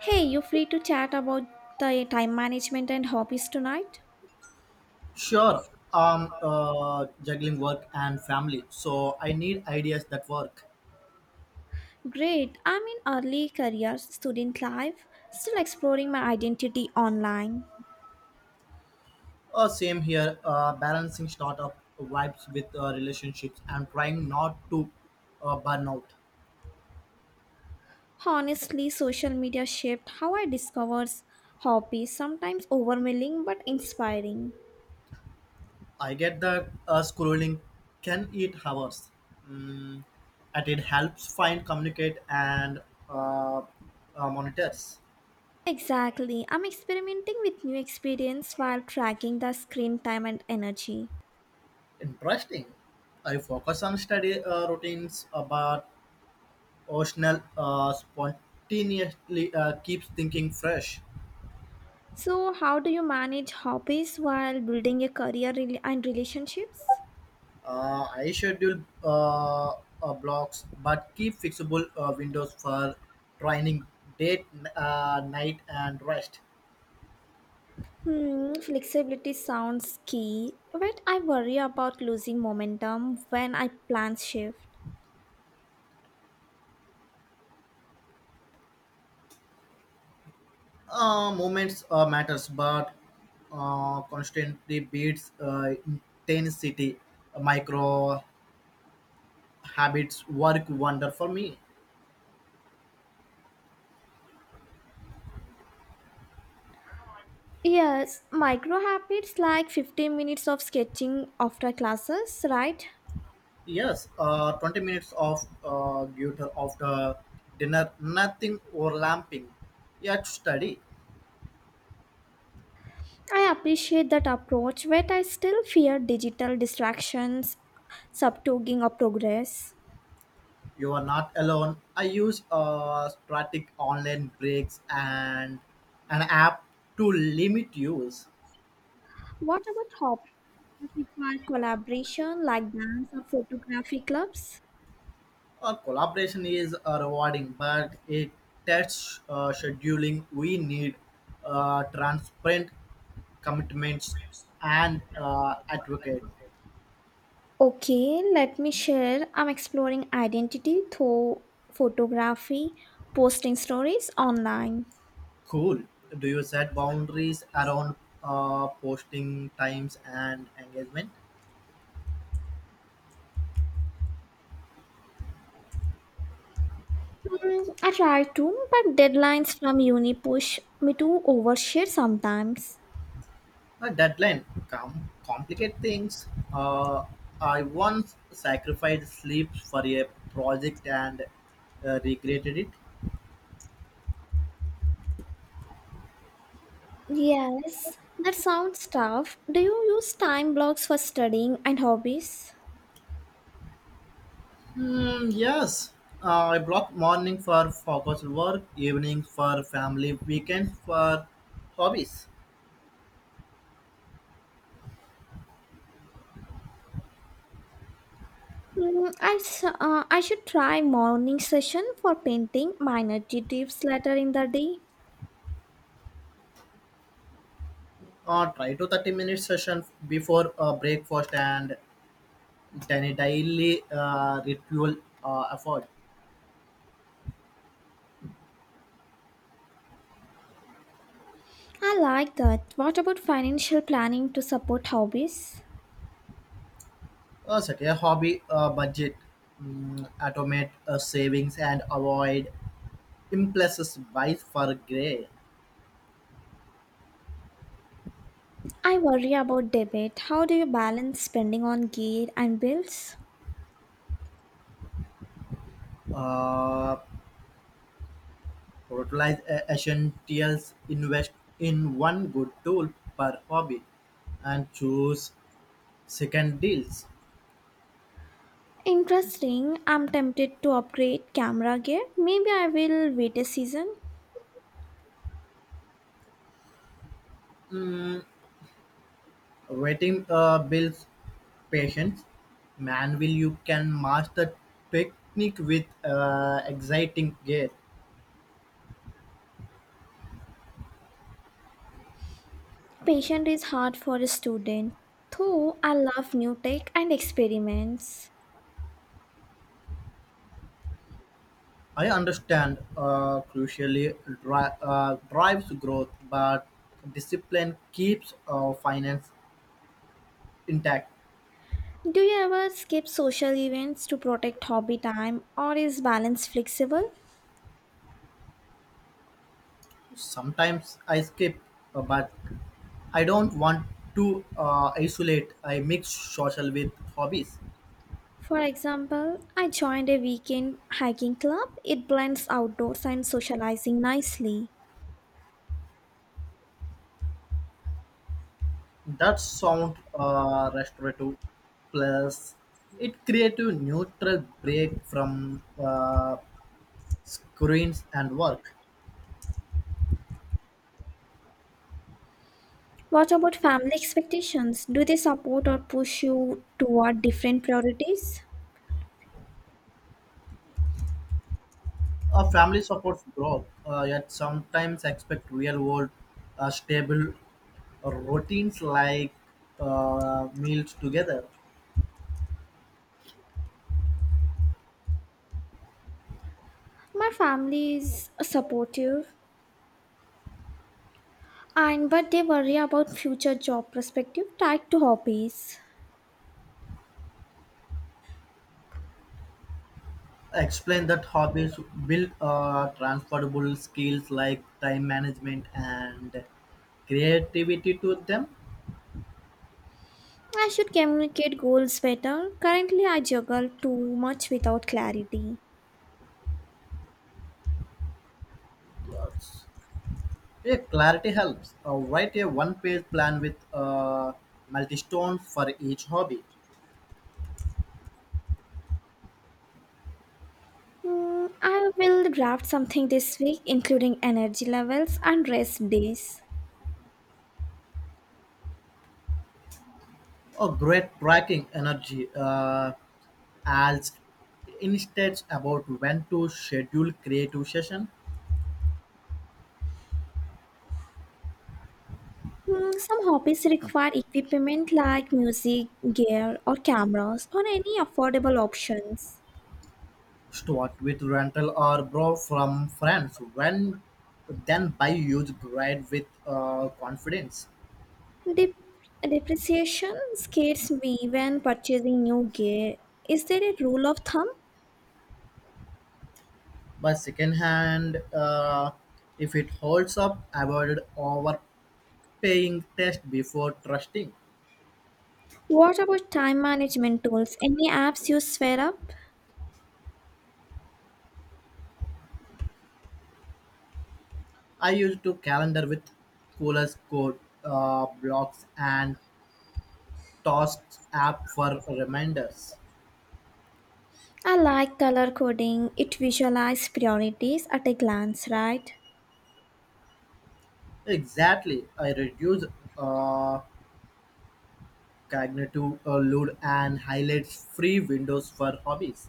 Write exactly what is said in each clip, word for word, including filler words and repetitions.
Hey, you free to chat about the time management and hobbies tonight? Sure, I'm uh, juggling work and family, so I need ideas that work. Great, I'm in early career student life, still exploring my identity online. Uh, same here, uh, balancing startup vibes with uh, relationships and trying not to uh, burn out. Honestly, social media shaped how I discovered hobbies, sometimes overwhelming but inspiring. I get that uh, scrolling can eat hours, mm, and it helps find, communicate, and uh, uh, monitors. Exactly, I'm experimenting with new experience while tracking the screen time and energy. Interesting. I focus on study uh, routines, uh, but Optional. uh, spontaneously uh, keeps thinking fresh. So, how do you manage hobbies while building a career rel- and relationships? Uh, I schedule uh, uh, blocks, but keep fixable uh, windows for training, date, uh, night, and rest. Hmm, flexibility sounds key, but I worry about losing momentum when I plans shift. Uh, moments uh, matters, but uh, constantly beats uh, intensity. Micro habits work wonder for me. Yes, micro habits like fifteen minutes of sketching after classes, right? Yes, uh, twenty minutes of uh, gutter after dinner, nothing overlapping. Yet study, I appreciate that approach, but I still fear digital distractions subtoging of progress. you are not alone. I use uh, static online breaks and an app to limit use. What about hobbies that require collaboration like dance or photography clubs? Our collaboration is uh, rewarding, but it tests uh, scheduling. We need uh, transparent commitments and uh, advocate. Okay, let me share. I'm exploring identity through photography, posting stories online. Cool. Do you set boundaries around uh, posting times and engagement? Hmm, I try to, but deadlines from uni push me to overshare sometimes. A deadline Come, complicate things. Uh, I once sacrificed sleep for a project and uh, regretted it. Yes, that sounds tough. Do you use time blocks for studying and hobbies? Hmm, yes. Uh, I block morning for focused work, evening for family, weekend for hobbies. Hmm, I, s- uh, I should try morning session for painting minor details later in the day. Uh, try to thirty minute session before uh, breakfast and it's an daily uh, ritual uh, effort. I like that. What about financial planning to support hobbies? Uh, set a hobby uh, budget, mm, automate uh, savings, and avoid impulses buys for gray. I worry about debit. How do you balance spending on gear and bills? Uh, prioritize uh, essentials, invest in one good tool per hobby, and choose second deals. Interesting. I'm tempted to upgrade camera gear. Maybe I will wait a season. Mm, waiting uh, builds patience. Manual you can master technique with uh, exciting gear. Patient is hard for a student, though I love new tech and experiments. I understand uh, crucially dri- uh, drives growth, but discipline keeps uh, finance intact. Do you ever skip social events to protect hobby time, or is balance flexible? Sometimes I skip, uh, but I don't want to uh, isolate. I mix social with hobbies. For example, I joined a weekend hiking club. It blends outdoors and socializing nicely. That sound uh, restorative, plus it creates a neutral break from uh, screens and work. What about family expectations? Do they support or push you toward different priorities? Uh, family supports growth, uh, yet sometimes expect real world uh, stable uh, routines like uh, meals together. My family is supportive and but they worry about future job perspective tied to hobbies. Explain that hobbies build uh, transferable skills like time management and creativity to them. I should communicate goals better. Currently I juggle too much without clarity. Yes. Yeah, clarity helps. Uh, write a one page plan with uh, multi stones for each hobby. Mm, I will draft something this week including energy levels and rest days. Oh, great tracking energy uh, as instead about when to schedule creative session. Mm, some hobbies require equipment like music, gear, or cameras, or any affordable options. Start with rental or borrow from friends. When then buy used grade with uh, confidence. Dep- Depreciation scares me when purchasing new gear. Is there a rule of thumb? But second hand, uh, if it holds up, avoid overpaying test before trusting. What about time management tools? Any apps you swear up? I used to calendar with coolers code uh, blocks and tasks app for reminders. I like color coding. It visualizes priorities at a glance, right? Exactly. I reduce uh, cognitive uh, load and highlights free windows for hobbies.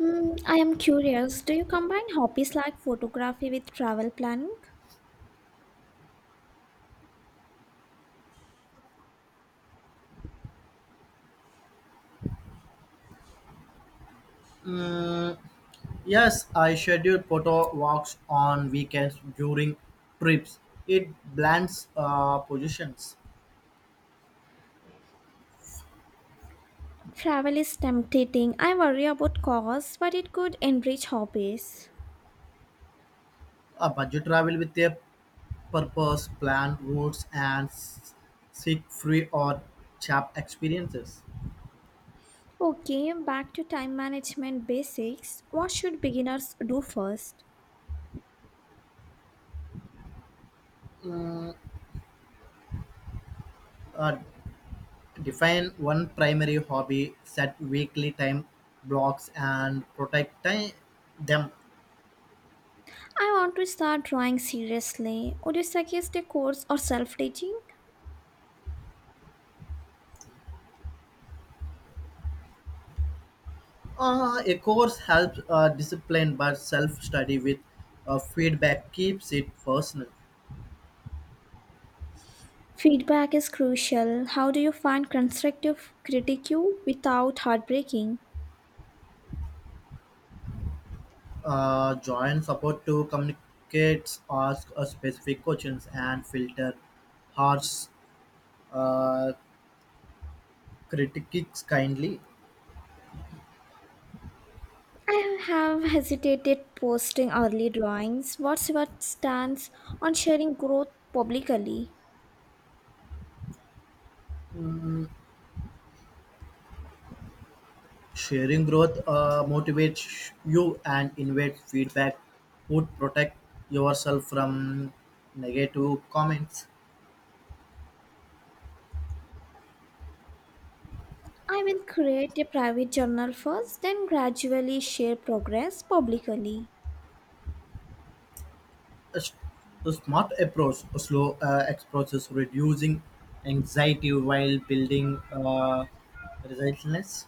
Hmm, I am curious. Do you combine hobbies like photography with travel planning? Mm, yes, I schedule photo walks on weekends during trips. It blends uh, positions. Travel is tempting. I worry about costs, but it could enrich hobbies. A budget travel with a purpose, planned routes, and s- seek free or cheap experiences. Okay, back to time management basics. What should beginners do first? Uh, Define one primary hobby, set weekly time blocks, and protect time. Them. I want to start drawing seriously. Would you suggest a course or self teaching? Uh, a course helps uh, discipline, but self study with uh, feedback keeps it personal. Feedback is crucial. How do you find constructive critique without heartbreaking? Uh, join support to communicate, ask uh, specific questions, and filter harsh uh, critiques kindly. I have hesitated posting early drawings. What's your stance on sharing growth publicly? Sharing growth uh, motivates you and invite feedback would protect yourself from negative comments. I will create a private journal first, then gradually share progress publicly. A, s- a smart approach, a slow uh, approaches reducing anxiety while building uh, resilience.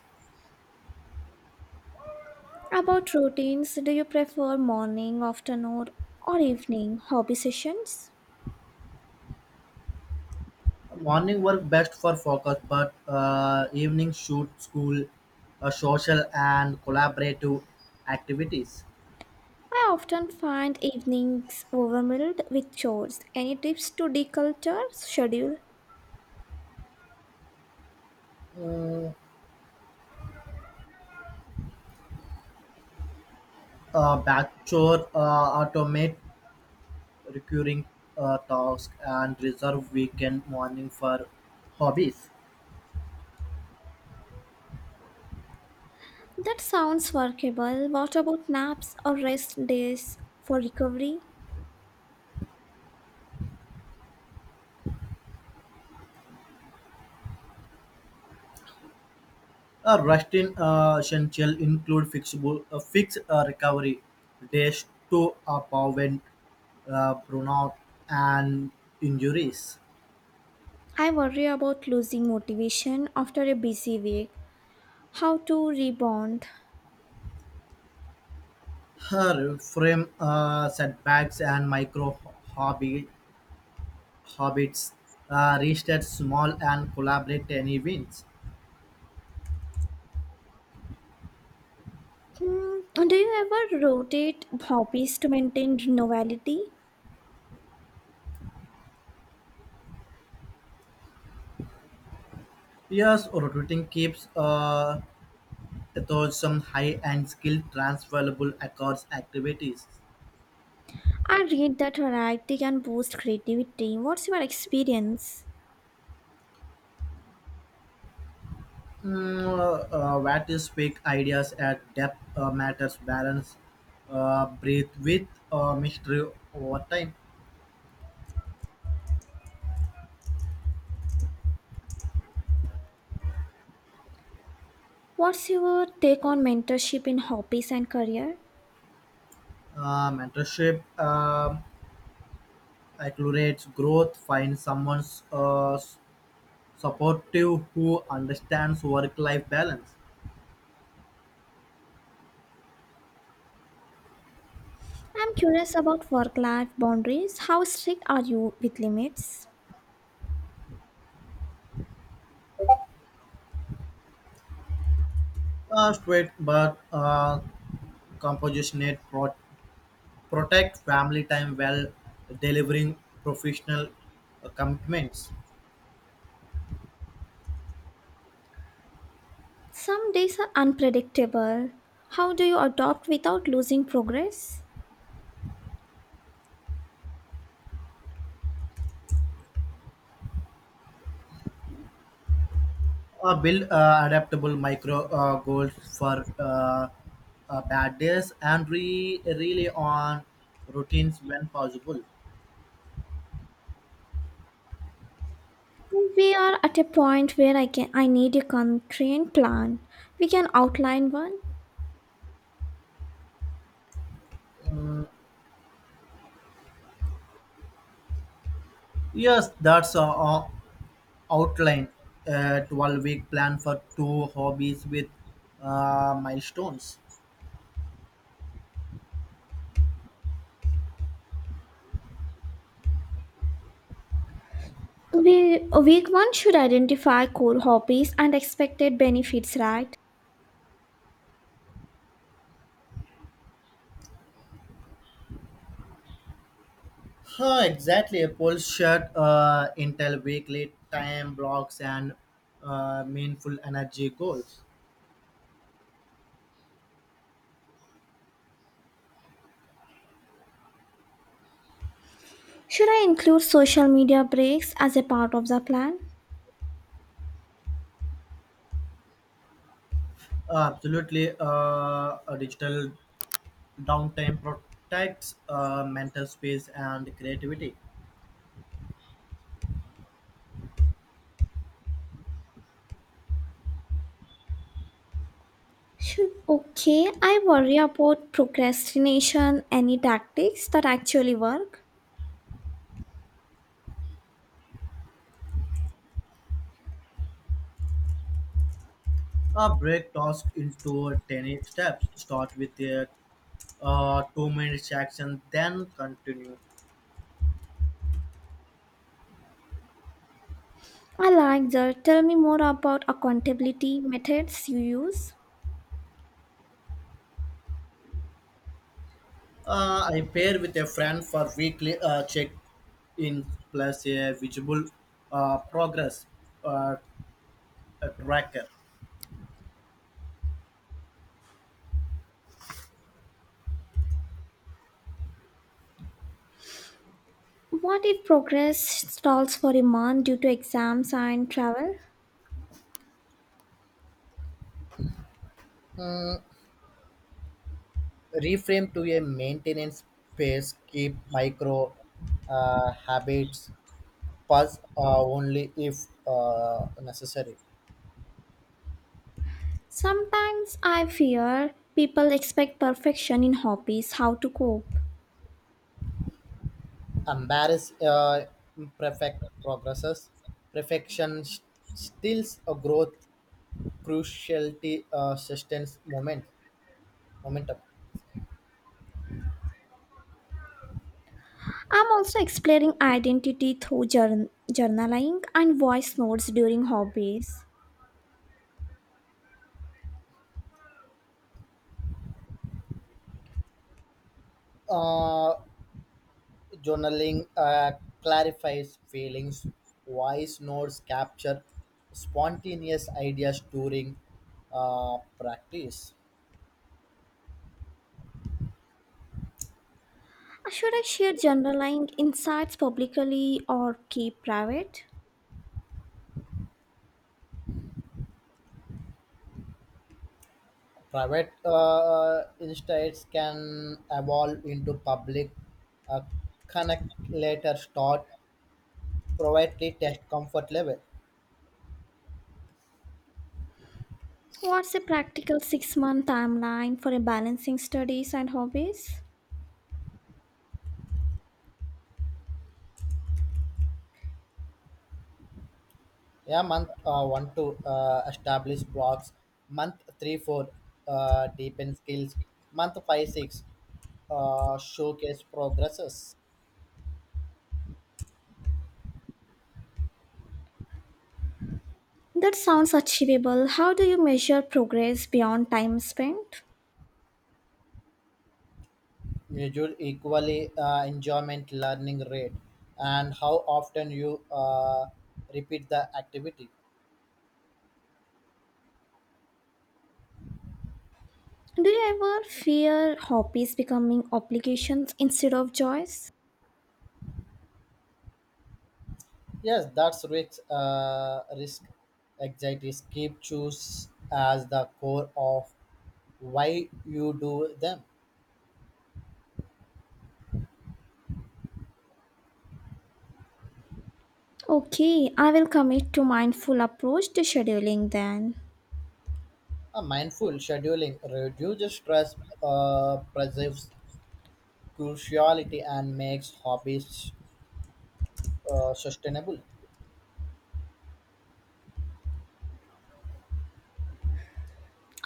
About routines, do you prefer morning, afternoon, or evening hobby sessions? Morning work best for focus, but uh, evening shoot school, uh, social and collaborative activities. I often find evenings overwhelmed with chores. Any tips to declutter schedule? Mm, uh, backdoor uh, automate recurring uh, tasks, and reserve weekend morning for hobbies. That sounds workable. What about naps or rest days for recovery? A resting uh, essential include fixable, uh, fixed uh, recovery days to prevent uh, burnout and injuries. I worry about losing motivation after a busy week. How to rebound? Her frame uh, setbacks and micro hobby habits uh, reached at small and collaborate any wins. Hmm, do you ever rotate hobbies to maintain novelty? Yes, rotating keeps uh, though some high-end skilled transferable across activities, I read that variety can boost creativity. What's your experience? mm, uh, what is peak ideas at depth uh, matters balance, uh, breathe with uh, mystery over time. What's your take on mentorship in hobbies and career? Uh, mentorship um, accelerates growth. Find someone's uh, supportive who understands work-life balance. I'm curious about work life boundaries. How strict are you with limits? Uh, straight but uh, compositionate pro- protect family time while delivering professional uh, commitments. Some days are unpredictable. How do you adopt without losing progress? Uh, build uh, adaptable micro uh, goals for uh, uh, bad days and re- rely on routines when possible. We are at a point where I can I need a constraint plan. We can outline one. Yes, that's a uh, outline. Uh, twelve week plan for two hobbies with uh, milestones. We, week one should identify core hobbies and expected benefits, right? Huh, exactly. A Apple shirt, uh, Intel weekly time blocks, and uh, meaningful energy goals. Should I include social media breaks as a part of the plan? Absolutely, uh, a digital downtime protects uh, mental space and creativity. Should Okay, I worry about procrastination. Any tactics that actually work? Uh, break task into ten steps. Start with a uh, two minute action, then continue. I like that. Tell me more about accountability methods you use. Uh, I pair with a friend for weekly uh, check in plus a visible uh, progress uh, tracker. What if progress stalls for a month due to exams and travel? Reframe to a maintenance phase keep micro uh, habits pause uh, only if uh, necessary. Sometimes I fear people expect perfection in hobbies. How to cope? Embarrass uh, imperfect progresses. Perfection s- Steals a growth cruciality uh, sustains moment momentum. I'm also exploring identity through journ- journaling and voice notes during hobbies. Uh, journaling uh, clarifies feelings. Voice notes capture spontaneous ideas during uh, practice. Should I share journaling insights publicly or keep private? Private uh, uh, insights can evolve into public uh, connect later start privately test comfort level. What's a practical six month timeline for a balancing studies and hobbies? Yeah, month uh, one to uh, establish blocks. Month three four uh, deepen skills. Month five six uh, showcase progresses. That sounds achievable. How do you measure progress beyond time spent? Measure equally uh, enjoyment learning rate and how often you uh, repeat the activity. Do you ever fear hobbies becoming obligations instead of joys? Yes, that's risk. Uh, risk anxiety. Keep choose as the core of why you do them. Okay, I will commit to mindful approach to scheduling then. A mindful scheduling reduces stress, uh, preserves cruciality, and makes hobbies uh, sustainable.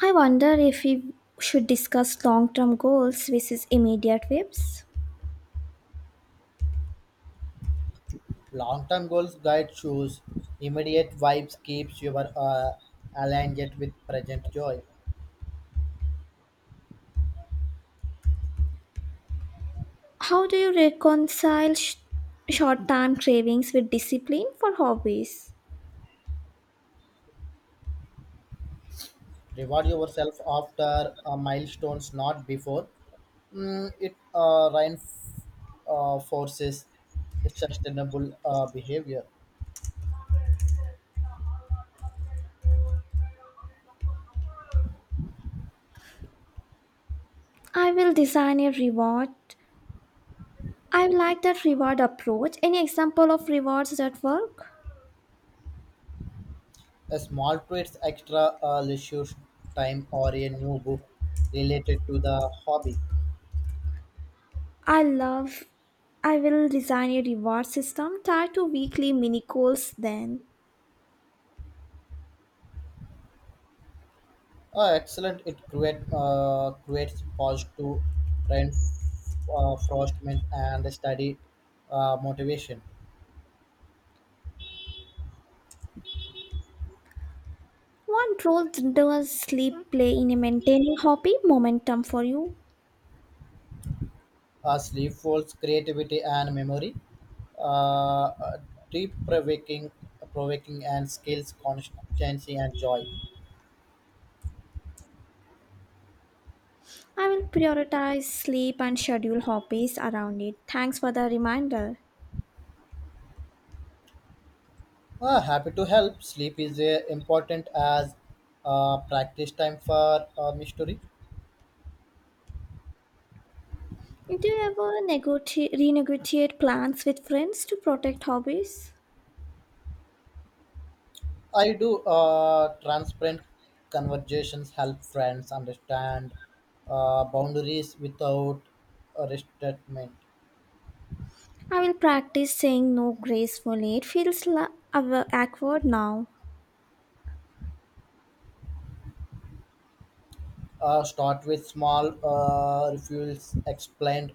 I wonder if we should discuss long term goals versus immediate whips. Long-term goals guide choose. Immediate vibes keeps your uh, aligned with present joy. How do you reconcile sh- short term cravings with discipline for hobbies? Reward yourself after uh, milestones, not before. Mm, it uh, reinforces sustainable uh, behavior. I will design a reward. I like that reward approach. Any example of rewards that work? A small treats, extra uh, leisure time, or a new book related to the hobby. I love. I will design a reward system tied to weekly mini goals then. Uh, excellent! It create, uh, creates positive reinforcement and study uh, motivation. What role does sleep play in maintaining hobby momentum for you? Uh, sleep folds creativity and memory. Uh, uh, deep provoking, provoking and skills, constancy and joy. I will prioritize sleep and schedule hobbies around it. Thanks for the reminder. Ah, happy to help. Sleep is uh, important as uh, practice time for uh, mystery. Do you ever negoti- renegotiate plans with friends to protect hobbies? I do uh, transparent conversations help friends understand uh, boundaries without uh, resentment. I will practice saying no gracefully. It feels la- aw- awkward now. Uh, start with small uh, refusals, explain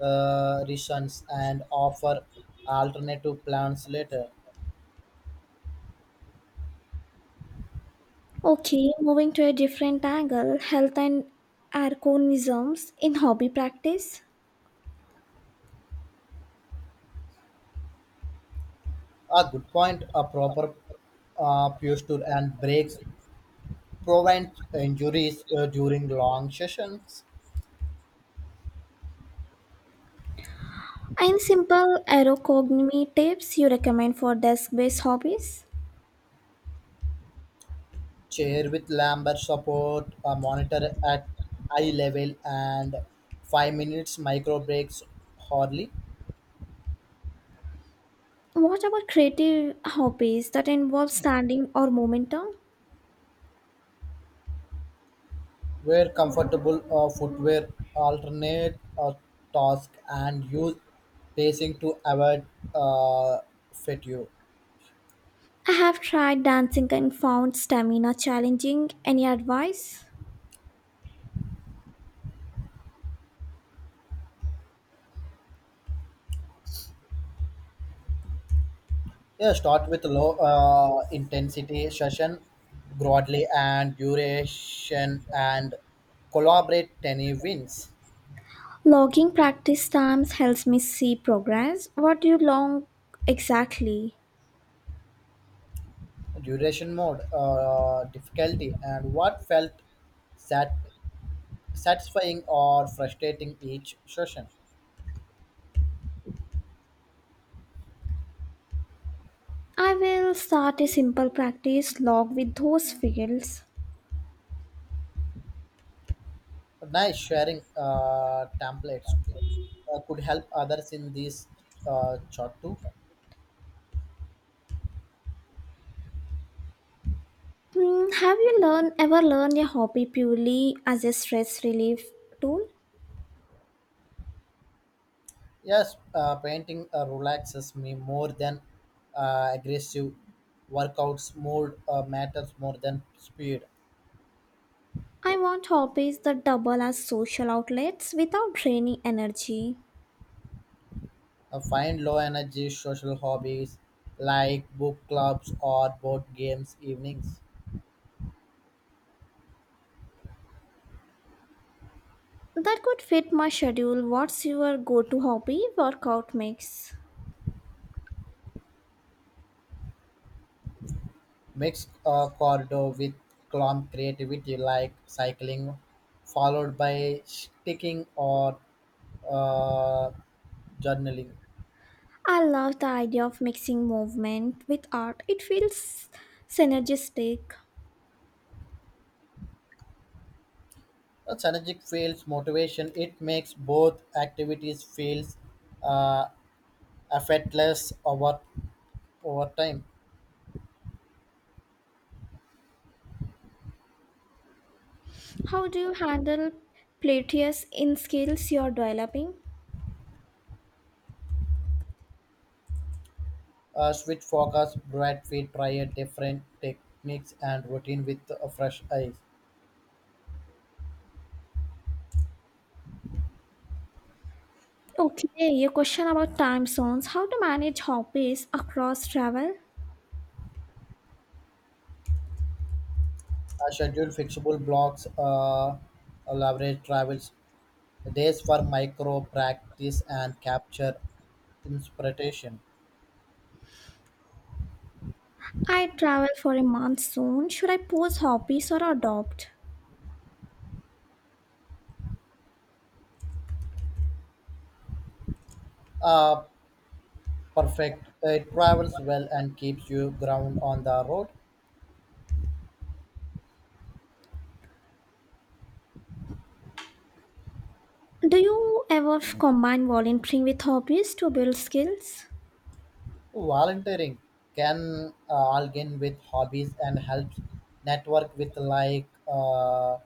uh, reasons, and offer alternative plans later. Okay, moving to a different angle, health and arconisms in hobby practice. A good point. A proper uh, posture and breaks prevent injuries uh, during long sessions, Any simple aeroconomy tips you recommend for desk based hobbies? chair with lumbar support, a monitor at eye level, and five minutes micro breaks hourly. What about creative hobbies that involve standing or momentum? Wear comfortable uh, footwear, alternate uh, task, and use pacing to avoid uh, fatigue. I have tried dancing and found stamina challenging. Any advice? Yeah, start with low uh, intensity session broadly and duration and collaborate ten wins. Logging practice times helps me see progress. What do you log exactly? Duration mode, uh, difficulty, and what felt sat- satisfying or frustrating each session. I will start a simple practice log with those fields. Nice sharing uh, templates uh, could help others in this uh, chart too. Hmm, have you learned ever learned a hobby purely as a stress relief tool? Yes, uh, painting uh, relaxes me more than uh, aggressive workouts. Mood uh, matters more than speed. I want hobbies that double as social outlets without draining energy. Uh, find low energy social hobbies like book clubs or board games evenings. That could fit my schedule. What's your go to hobby workout mix? Mix uh, cardio with calm creativity like cycling, followed by sticking or uh, journaling. I love the idea of mixing movement with art, it feels synergistic. A synergic feels motivation. It makes both activities feels uh, effortless over over time. How do you handle plateaus in skills you're developing? Uh, switch focus, bright feet, try a different techniques and routine with a fresh eyes. Okay, a question about time zones. How to manage hobbies across travel? Uh, schedule flexible blocks, uh, leverage travels days for micro practice and capture inspiration. I travel for a month soon. Should I pause hobbies or adopt? Uh, perfect. It travels well and keeps you ground on the road. Do you ever combine volunteering with hobbies to build skills? Volunteering can uh, align with hobbies and helps network with like uh,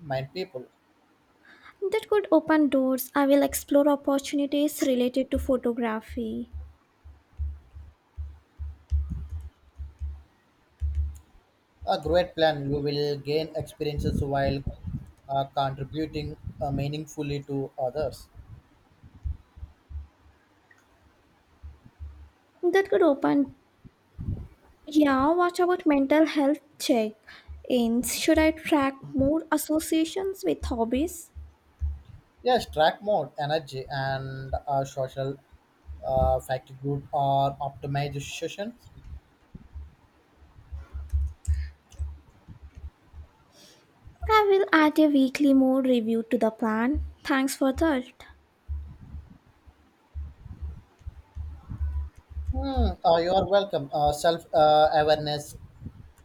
mind people. That could open doors. I will explore opportunities related to photography. A great plan. You will gain experiences while uh, contributing uh, meaningfully to others. That could open. Yeah, what about mental health check ins? Should I track more associations with hobbies? Yes, track mode, energy, and uh, social uh, fatigue or optimization. I will add a weekly more review to the plan. Thanks for that. Hmm, uh, you are welcome. Uh, Self uh, awareness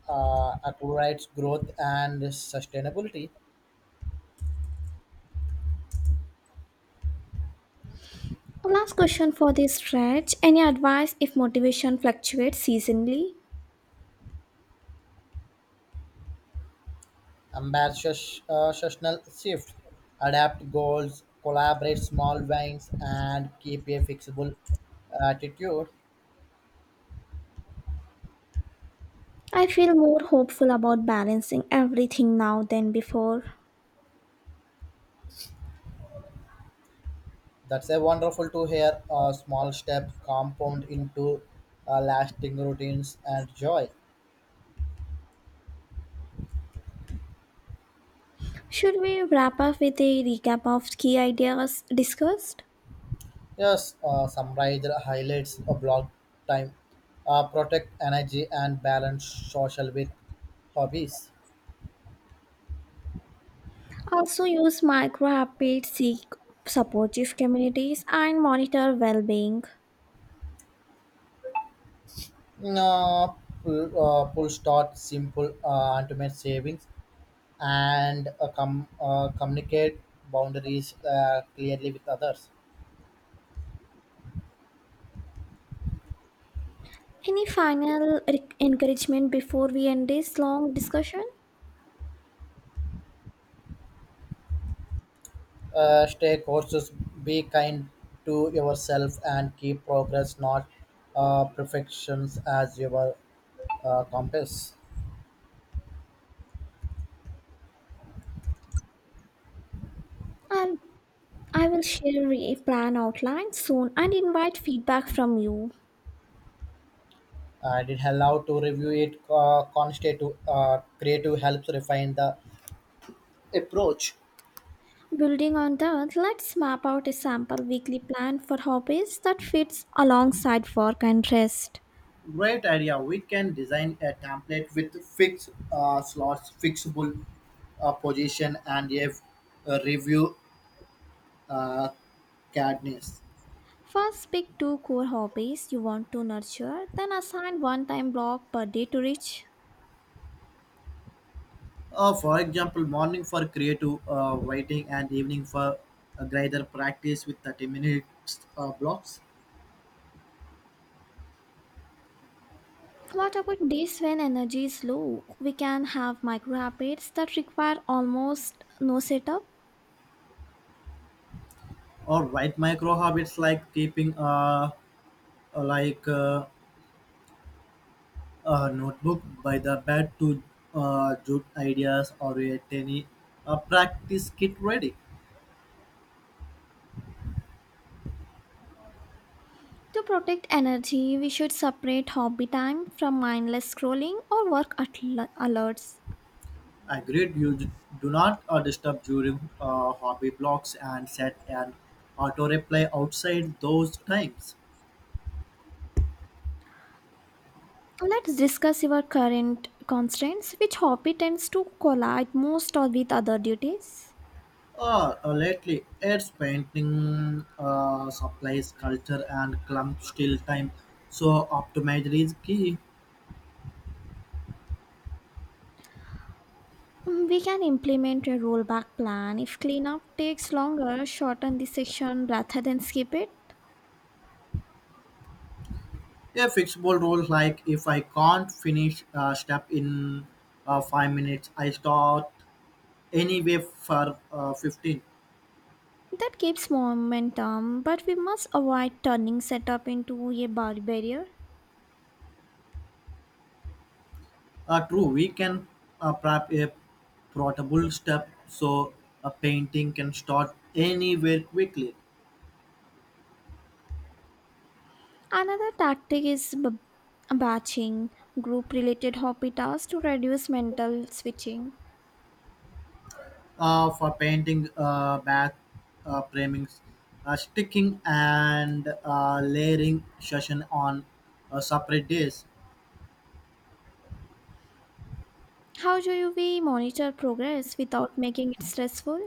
uh, accelerates growth and sustainability. Last question for this stretch. Any advice if motivation fluctuates seasonally? Ambitious uh, seasonal shift. Adapt goals, collaborate small wins, and keep a flexible attitude. I feel more hopeful about balancing everything now than before. That's a wonderful to hear. A small step compound into uh, lasting routines and joy. Should we wrap up with a recap of key ideas discussed? Yes, uh, summarize the highlights of blog time. Uh, protect energy and balance social with hobbies. Also, use micro habits, seek supportive communities, and monitor well being. Mm, Uh, pull, uh, pull start simple uh, ultimate savings and uh, com- uh, communicate boundaries uh, clearly with others. Any final re- encouragement before we end this long discussion? Uh, stay courses, be kind to yourself and keep progress, not uh, perfections as your uh, compass. I'll, I will share a plan outline soon and invite feedback from you. And it allows to review it uh, constitute uh, creative helps refine the approach. Building on that, let's map out a sample weekly plan for hobbies that fits alongside work and rest. Great idea, we can design a template with fixed uh, slots fixable uh, position and a, a review uh, cadence. First, pick two core hobbies you want to nurture, then assign one time block per day to reach. Uh, for example morning for creative uh, writing and evening for a greater practice with thirty minutes uh, blocks, What about days when energy is low? We can have micro habits that require almost no setup. or write micro habits like keeping uh, like uh, a notebook by the bed to uh, jot ideas or a tiny uh, practice kit ready. To protect energy, we should separate hobby time from mindless scrolling or work atl- alerts. Agreed, you d- do not uh, disturb during uh, hobby blocks and set an auto reply outside those times. Let's discuss your current constraints. Which hobby tends to collide most or with other duties? Uh, uh, lately, it's painting uh, supplies, culture, and clump still time, so optimizer is key. Mm, we can implement a rollback plan. If cleanup takes longer, shorten the section rather than skip it. A fixable rule like if I can't finish a step in uh, five minutes, I start anyway for uh, fifteen. That keeps momentum, but we must avoid turning setup into a bar- barrier. Uh, true, we can uh, prep a portable step so a painting can start anywhere quickly. Another tactic is b- batching, group related hobby tasks to reduce mental switching. Uh, for painting uh, back uh, framings uh, sticking and uh, layering session on uh, separate days. How do you- we monitor progress without making it stressful?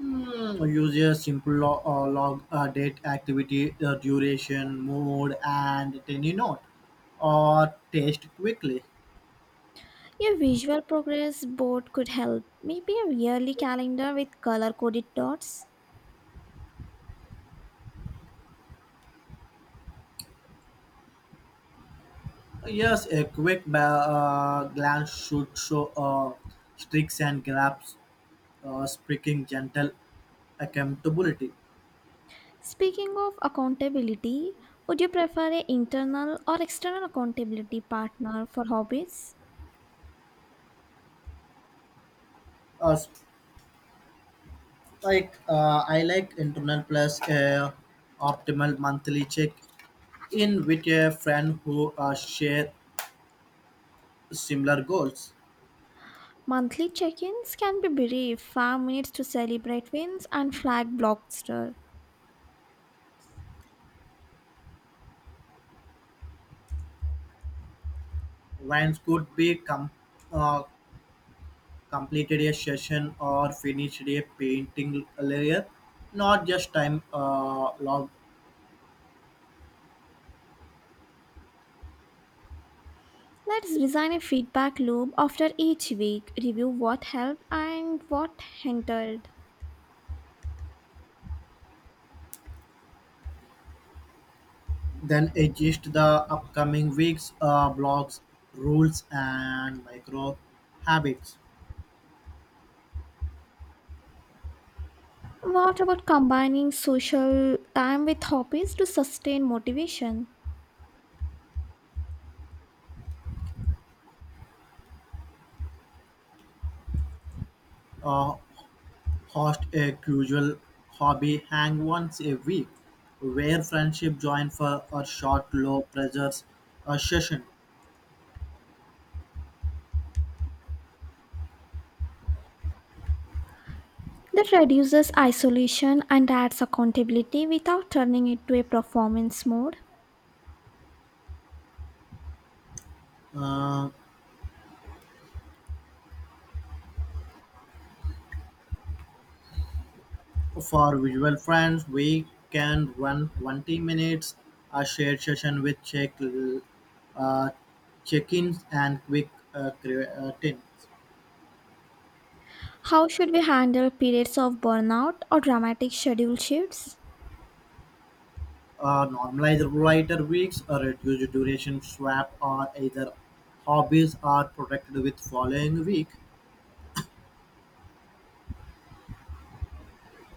Hmm, use a simple log, uh, log uh, date activity uh, duration mode and tiny note or taste quickly. A visual progress board could help, maybe a yearly calendar with color coded dots. Yes, a quick ba- uh, glance should show uh, streaks and gaps, uh, speaking gentle accountability. Speaking of accountability, would you prefer an internal or external accountability partner for hobbies? Uh, like uh, I like internal plus uh, optimal monthly check in with a friend who uh, share similar goals. Monthly check ins can be brief, five minutes to celebrate wins and flag blockster. Wines could be com- uh, completed a session or finished a painting layer, not just time uh, log. Let's design a feedback loop after each week, review what helped and what hindered. Then adjust the upcoming weeks, uh, blogs, rules, and micro habits. What about combining social time with hobbies to sustain motivation? Uh, Host a casual hobby hang once a week, where friendship join for a short, low pressure uh, session. That reduces isolation and adds accountability without turning it to a performance mode. Uh, for visual friends, we can run twenty minutes a shared session with check uh, check-ins and quick uh, creatine. How should we handle periods of burnout or dramatic schedule shifts? Uh, Normalized writer weeks, a reduced duration swap are either hobbies are protected with following week.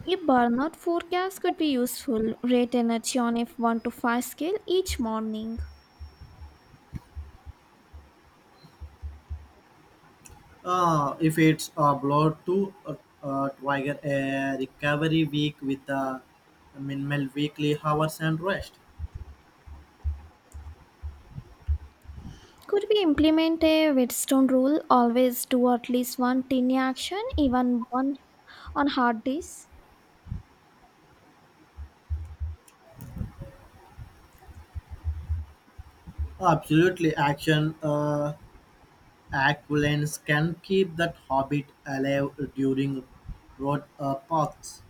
A burnout forecast could be useful. Rate energy on a one to five scale each morning. Uh, if it's a blow to uh, uh, trigger a recovery week with a minimal weekly hours and rest. Could we implement a Whetstone rule? Always do at least one tiny action, even one on hard days. Absolutely, action uh, acquaintance can keep that habit alive during road uh, paths.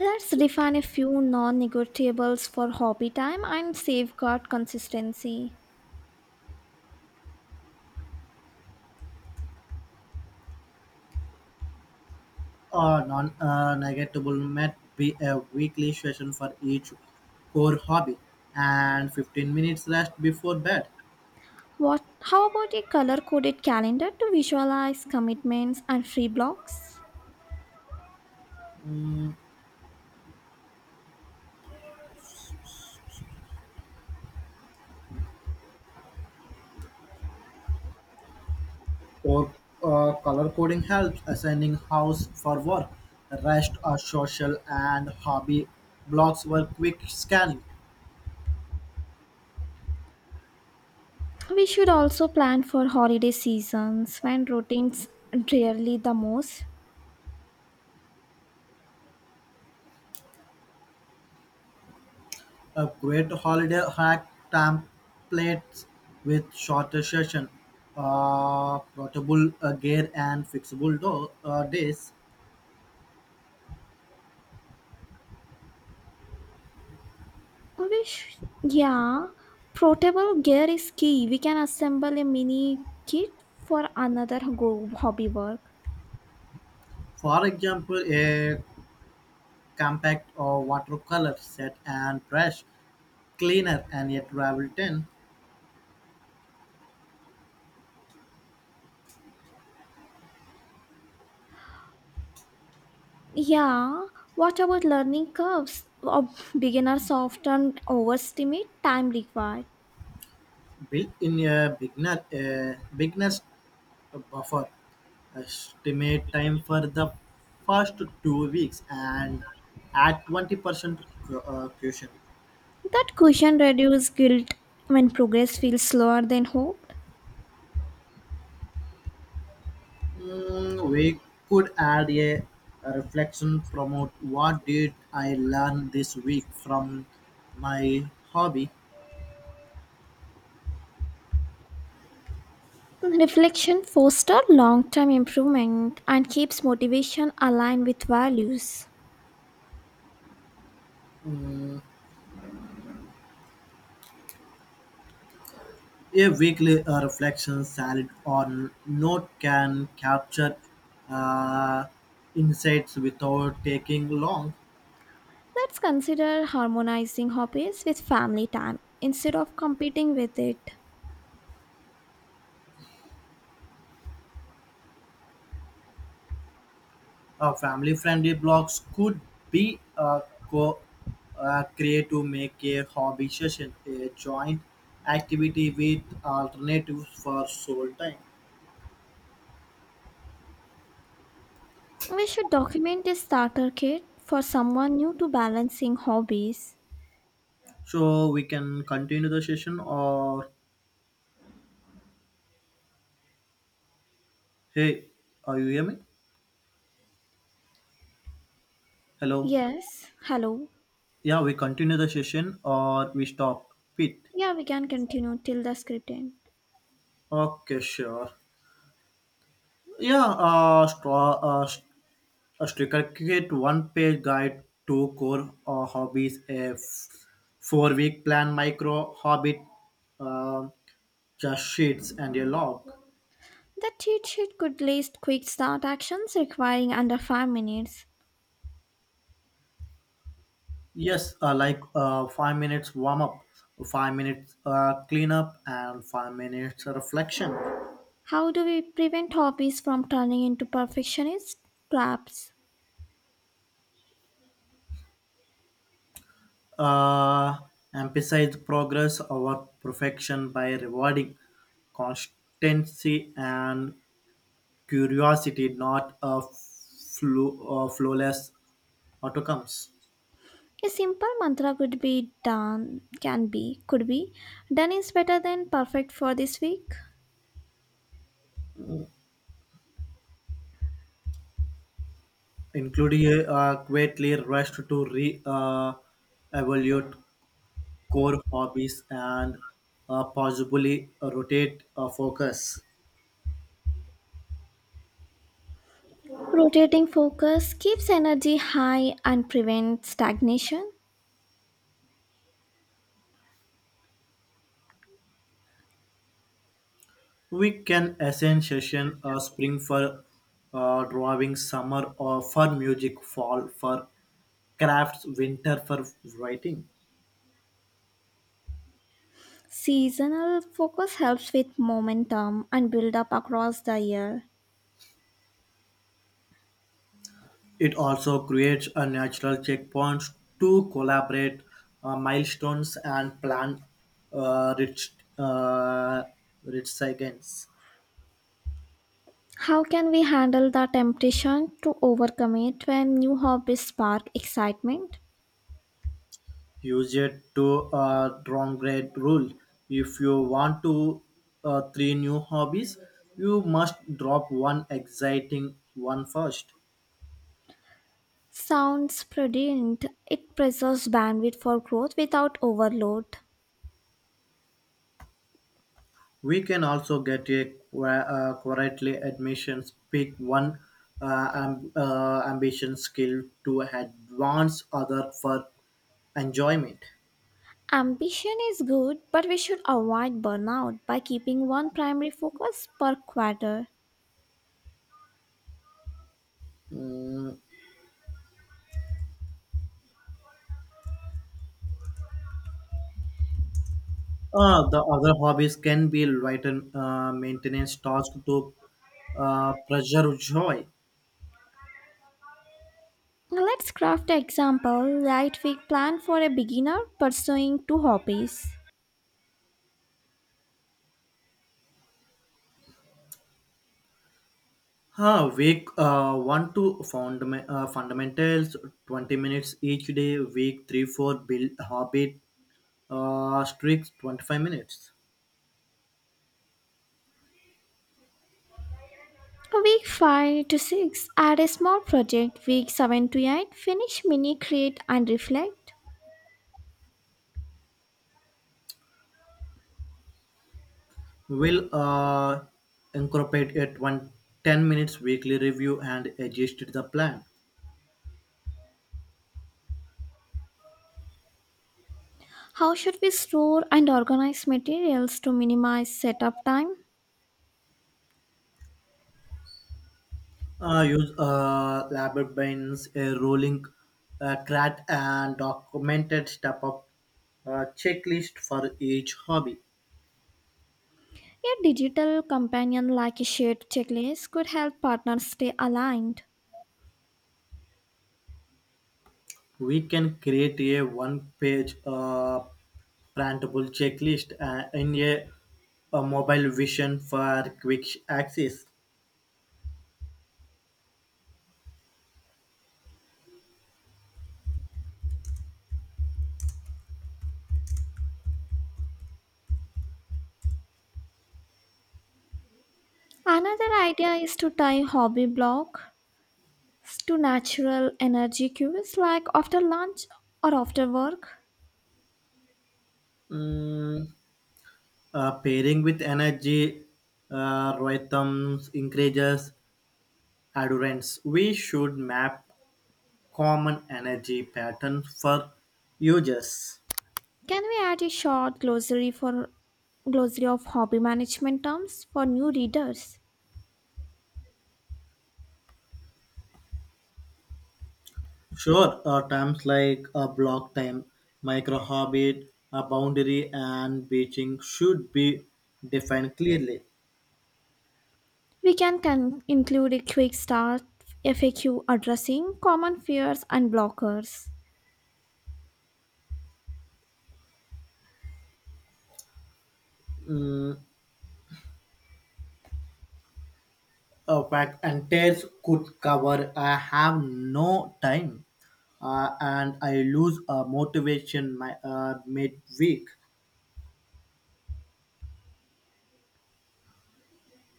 Let's define a few non negotiables for hobby time and safeguard consistency. A non-negotiable might be a weekly session for each core hobby, and fifteen minutes rest before bed. What, how about a color coded calendar to visualize commitments and free blocks? Mm, or uh, color coding helps assigning house for work. Rest or social and hobby blocks were quick scanning. We should also plan for holiday seasons when routines rarely the most. A great holiday hack templates with shorter session, uh, portable uh, gear and fixable door, uh, days. We sh- yeah, portable gear is key. We can assemble a mini kit for another go- hobby work. For example, a compact or watercolor set and brush, cleaner, and a travel tin Yeah, what about learning curves? Ob- Beginners often overestimate time required. built-in a beginner a beginner's buffer. Estimate time for the first two weeks and at twenty percent cu- uh, cushion. That cushion reduces guilt when progress feels slower than hoped. Mm, we could add a, a reflection promote what did I learn this week from my hobby. Reflection fosters long term improvement and keeps motivation aligned with values. Mm, A weekly uh, reflection salad or note can capture uh, insights without taking long. Let's consider harmonizing hobbies with family time instead of competing with it. Uh, family friendly blogs could be uh, co uh, create to make a hobby session a joint activity with alternatives for sole time. We should document a starter kit for someone new to balancing hobbies. So we can continue the session or hey, are you hear me? Hello. Yes, hello. Yeah, we continue the session or we stop it. Yeah, we can continue till the script end. Okay, sure. Yeah, uh, straw, uh, st- a sticker create one page guide to core uh, hobbies, a f- four week plan, micro hobbit, uh, just sheets and a log. The cheat sheet could list quick start actions requiring under five minutes. Yes, uh, like uh, five minutes warm up, five minutes uh, clean up, and five minutes reflection. How do we prevent hobbies from turning into perfectionist traps? Uh, Emphasize progress over perfection by rewarding constancy and curiosity, not a flu- uh, flawless outcomes, A simple mantra could be done, can be, could be. Done is better than perfect for this week. including a uh, quietly rushed to re uh, evaluate core hobbies and uh, possibly rotate uh, focus. Rotating focus keeps energy high and prevents stagnation. We can assign session uh, spring for uh, drawing, summer or for music, fall for crafts, winter for writing. Seasonal focus helps with momentum and build up across the year. It also creates a natural checkpoints to collaborate uh, milestones and plan uh, rich uh, rich recycles. How can we handle the temptation to overcommit when new hobbies spark excitement? Use it to uh, downgrade rule. If you want to uh, three new hobbies, you must drop one exciting one first. Sounds prudent. It preserves bandwidth for growth without overload. We can also get a qu- uh, quietly admissions pick one uh, am- uh, ambition skill to advance other for enjoyment. Ambition is good, but we should avoid burnout by keeping one primary focus per quarter. Mm, uh, the other hobbies can be lighten uh, maintenance tasks to uh, preserve joy. Now Let's craft an example light week plan for a beginner pursuing two hobbies. Huh, week uh, one to fundam- uh, fundamentals, twenty minutes each day. Week three, four build habit, uh, streaks, twenty-five minutes. Week five to six add a small project, week seven to eight finish mini create and reflect. We'll uh, Incorporate it one ten minutes weekly review and adjust the plan. How should we store and organize materials to minimize setup time? Uh, use uh, labyrinthitis, a rolling uh, crat, and documented step up uh, checklist for each hobby. A digital companion like a shared checklist could help partners stay aligned. We can create a one page uh, printable checklist uh, in a, a mobile vision for quick access. Another idea is to tie hobby blocks to natural energy cues like after lunch or after work. Mm, Uh, pairing with energy uh, rhythms increases adherence. We should map common energy patterns for users. Can we add a short glossary for glossary of hobby management terms for new readers? Sure, uh, terms like a block time, micro orbit, a boundary, and beaching should be defined clearly. We can, can include a quick start F A Q addressing common fears and blockers. Mm, uh, but entire could cover. I have no time, uh, and I lose uh, motivation my uh, midweek.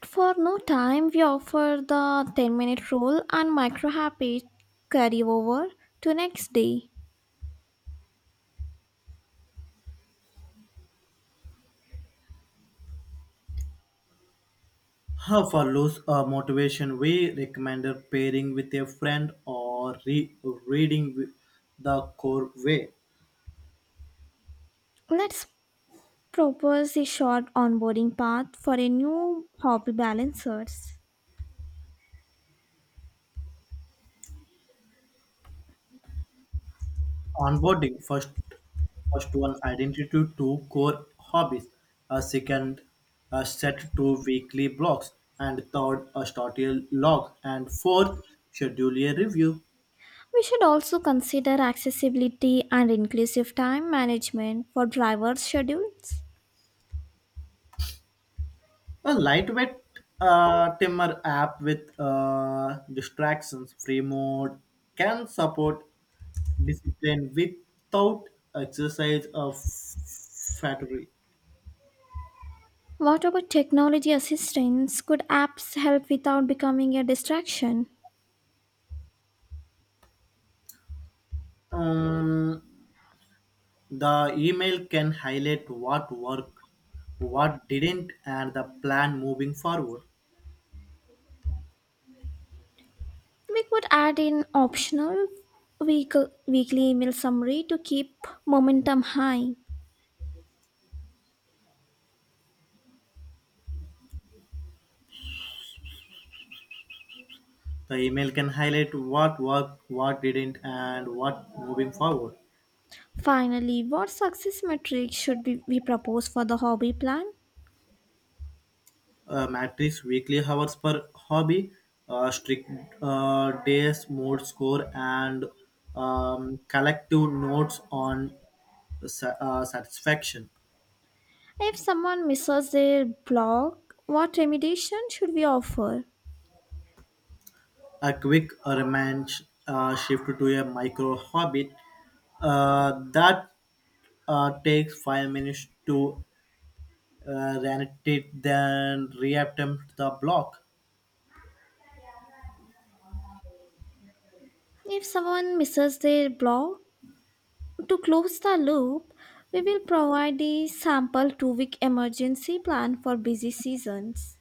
For no time, we offer the ten minute rule and micro habit carryover to next day. How follows a motivation? We recommend pairing with a friend or re- reading with the core way. Let's propose a short onboarding path for a new hobby balancers. Onboarding first, first one identity to core hobbies. A second, a set to weekly blocks, and third a start a log, and fourth schedule a review. We should also consider accessibility and inclusive time management for drivers' schedules. A lightweight uh, timer app with uh, distractions free mode can support discipline without exercise of flattery. What about technology assistance? Could apps help without becoming a distraction? Um, the email can highlight what worked, what didn't, and the plan moving forward. We could add in optional week- weekly email summary to keep momentum high. The email can highlight what worked, what didn't, and what moving forward. Finally, what success metrics should we, we propose for the hobby plan? Uh, matrix weekly hours per hobby, uh, strict uh, days, mode score, and um, collective notes on sa- uh, satisfaction. If someone misses their block, what remediation should we offer? A quick remand uh, shift to a micro habit uh, that uh, takes five minutes to uh, reanimate, then reattempt the block. If someone misses their block, to close the loop, we will provide a sample two week emergency plan for busy seasons.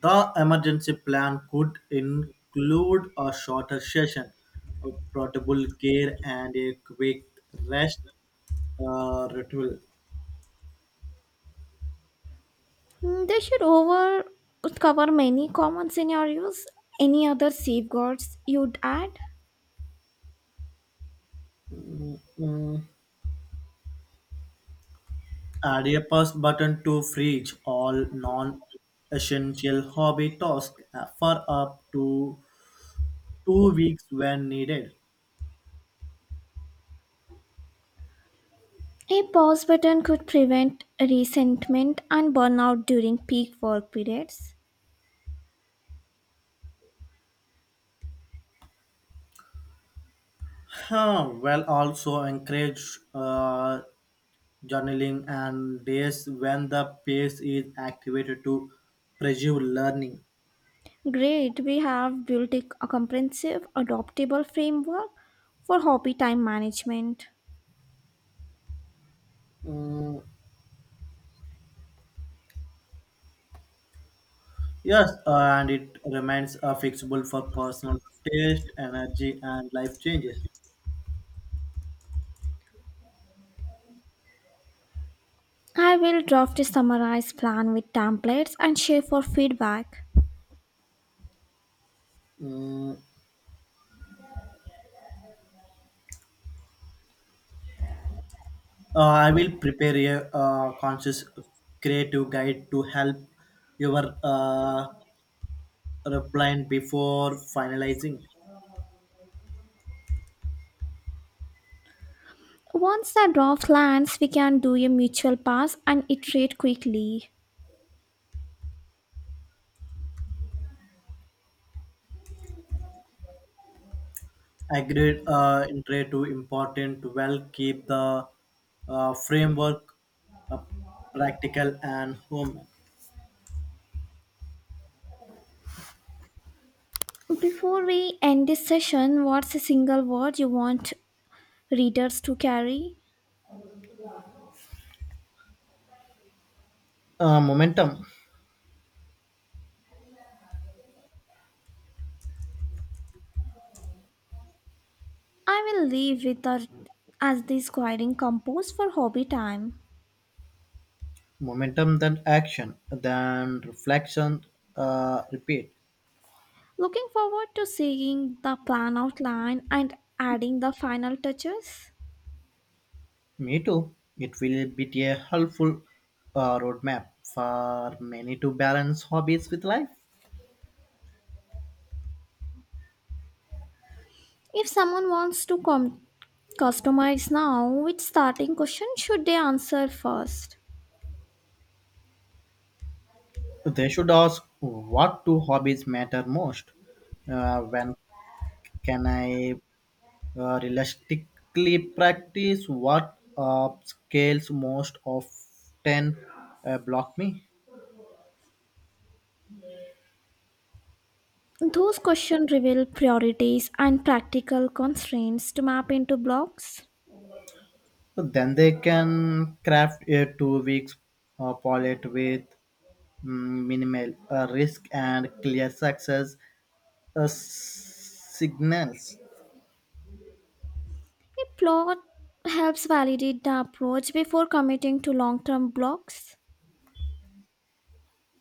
The emergency plan could include a shorter session, a portable care, and a quick rest uh, ritual. Mm, They should over cover many common scenarios. Any other safeguards you'd add? Add a pause button to freeze all non essential hobby tasks for up to two weeks when needed. A pause button could prevent resentment and burnout during peak work periods. Huh, well, also encourage uh, journaling and days when the pace is activated to preserve learning. Great, we have built a a comprehensive, adoptable framework for hobby time management. Mm, yes, uh, and it remains uh, fixable for personal taste, energy, and life changes. I will draft a summarized plan with templates and share for feedback. Mm, uh, I will prepare a uh, conscious creative guide to help your uh, reply before finalizing. Once the draft lands, we can do a mutual pass and iterate quickly. Agreed uh, in trade to important to well keep the uh, framework uh, practical and human. Before we end this session, what's a single word you want readers to carry? Uh, momentum, I will leave with the, as this guiding compose for hobby time. momentum, then action, then reflection, uh, repeat. Looking forward to seeing the plan outline and adding the final touches. Me too. It will be a helpful uh, roadmap for many to balance hobbies with life. If someone wants to com- customize now, which starting question should they answer first? They should ask what two hobbies matter most. Uh, when can I Uh, realistically, practice what up scales most often uh, block me. Those questions reveal priorities and practical constraints to map into blocks. So then they can craft a two weeks uh, pilot with mm, minimal uh, risk and clear success uh, s- signals. A plot helps validate the approach before committing to long term blocks.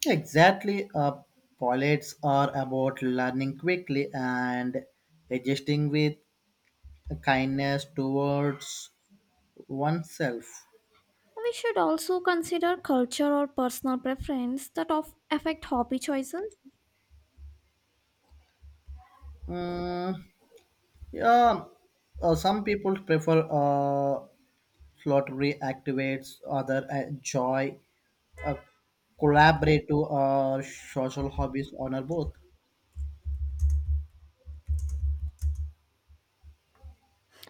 Exactly, uh, pilots are about learning quickly and adjusting with kindness towards oneself. We should also consider culture or personal preference that of affect hobby choices. Mm, Yeah, uh, some people prefer uh, lottery activates other uh, joy, uh, collaborative uh, social hobbies honor both.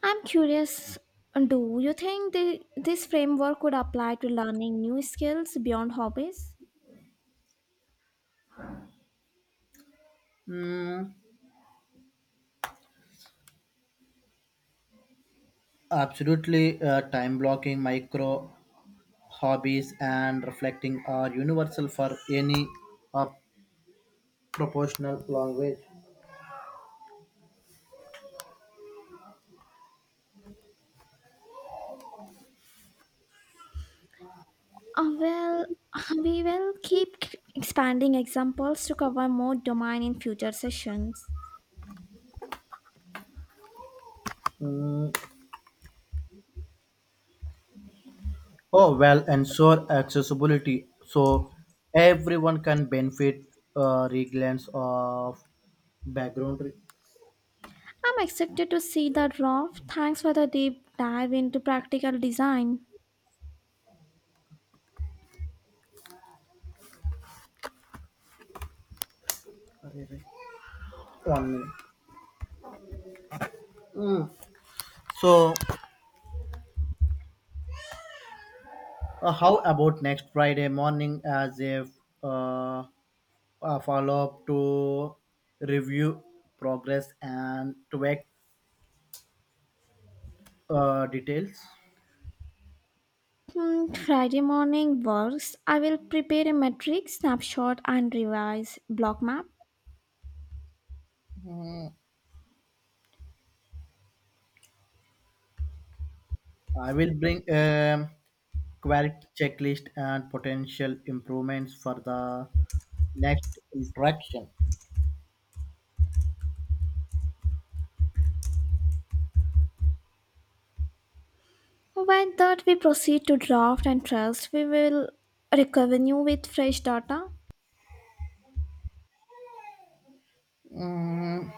I'm curious, do you think the, this framework could apply to learning new skills beyond hobbies? Mm, absolutely, uh, time blocking micro hobbies and reflecting are universal for any uh, proportional language. Uh, well, we will keep c- expanding examples to cover more domain in future sessions. Oh well, ensure accessibility so everyone can benefit uh, regardless of background. I'm excited to see the draft. Thanks for the deep dive into practical design. Re- One minute. So, uh, how about next Friday morning as a, uh, a follow up to review progress and tweak uh, details? Hmm, Friday morning works. I will prepare a matrix snapshot and revise block map. I will bring a quality checklist and potential improvements for the next interaction. Why that, we proceed to draft and trust? We will recover you with fresh data. Mm,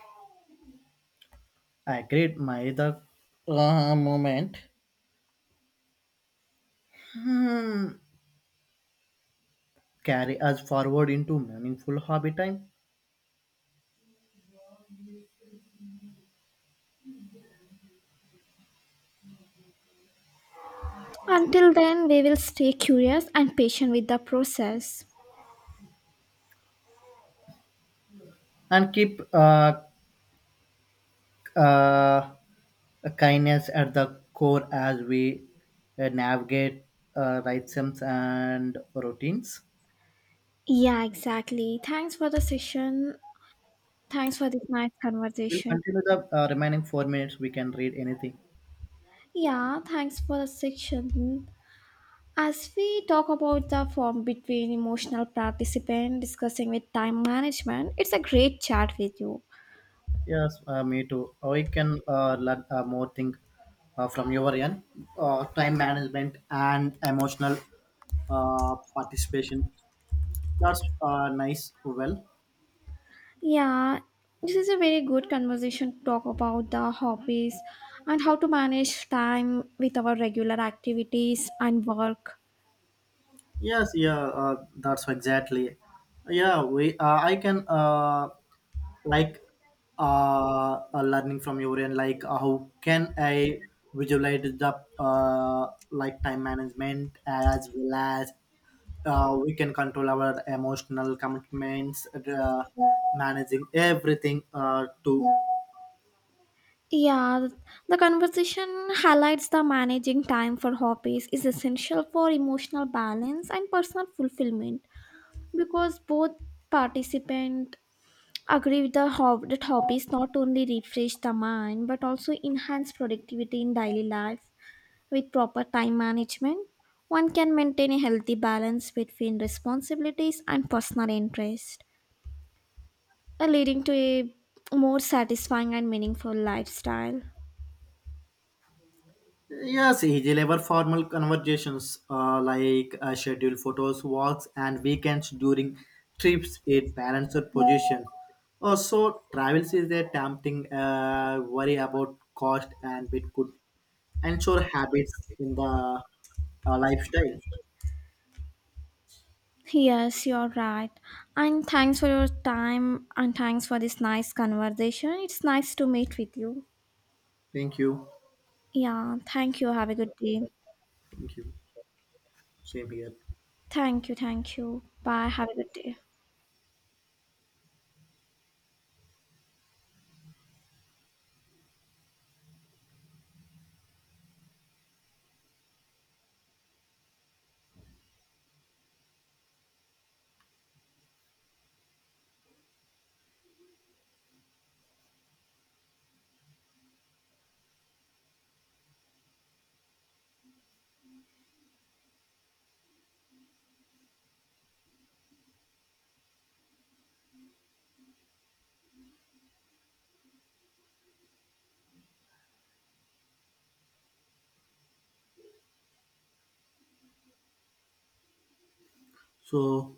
I agreed, my other uh, moment Mm, carry us forward into meaningful hobby time Until then, we will stay curious and patient with the process. and keep uh, uh, kindness at the core as we uh, navigate uh, rhythms and routines. Yeah, exactly. Thanks for the session. Thanks for this nice We'll conversation. continue the uh, remaining four minutes. We can read anything. Yeah, thanks for the section. As we talk about the form between emotional participant discussing with time management, it's a great chat with you. Yes, uh, me too. Or we can uh, learn uh, more thing uh, from your end, uh, time management and emotional uh, participation. That's uh, nice. Well, Yeah, this is a very good conversation to talk about the hobbies and how to manage time with our regular activities and work. yes, yeah, uh, that's exactly. Yeah, we. Uh, I can. Uh, like uh, uh, learning from your end like uh, how can I visualize the uh, like time management as well as uh, we can control our emotional commitments uh, managing everything uh, to Yeah, the conversation highlights the managing time for hobbies is essential for emotional balance and personal fulfillment because both participants agree with the hob- that hobbies not only refresh the mind but also enhance productivity in daily life. With proper time management, one can maintain a healthy balance between responsibilities and personal interest, uh, leading to a more satisfying and meaningful lifestyle. Yes, he delivered formal conversations uh, like uh, scheduled photos, walks, and weekends during trips. It balanced position. Also, travels is a tempting uh, worry about cost and it could ensure habits in the uh, lifestyle. Yes, you're right. And thanks for your time and thanks for this nice conversation. It's nice to meet with you. Thank you. Yeah, thank you. Have a good day. Thank you. Same here. Thank you, thank you. Bye. Have a good day. So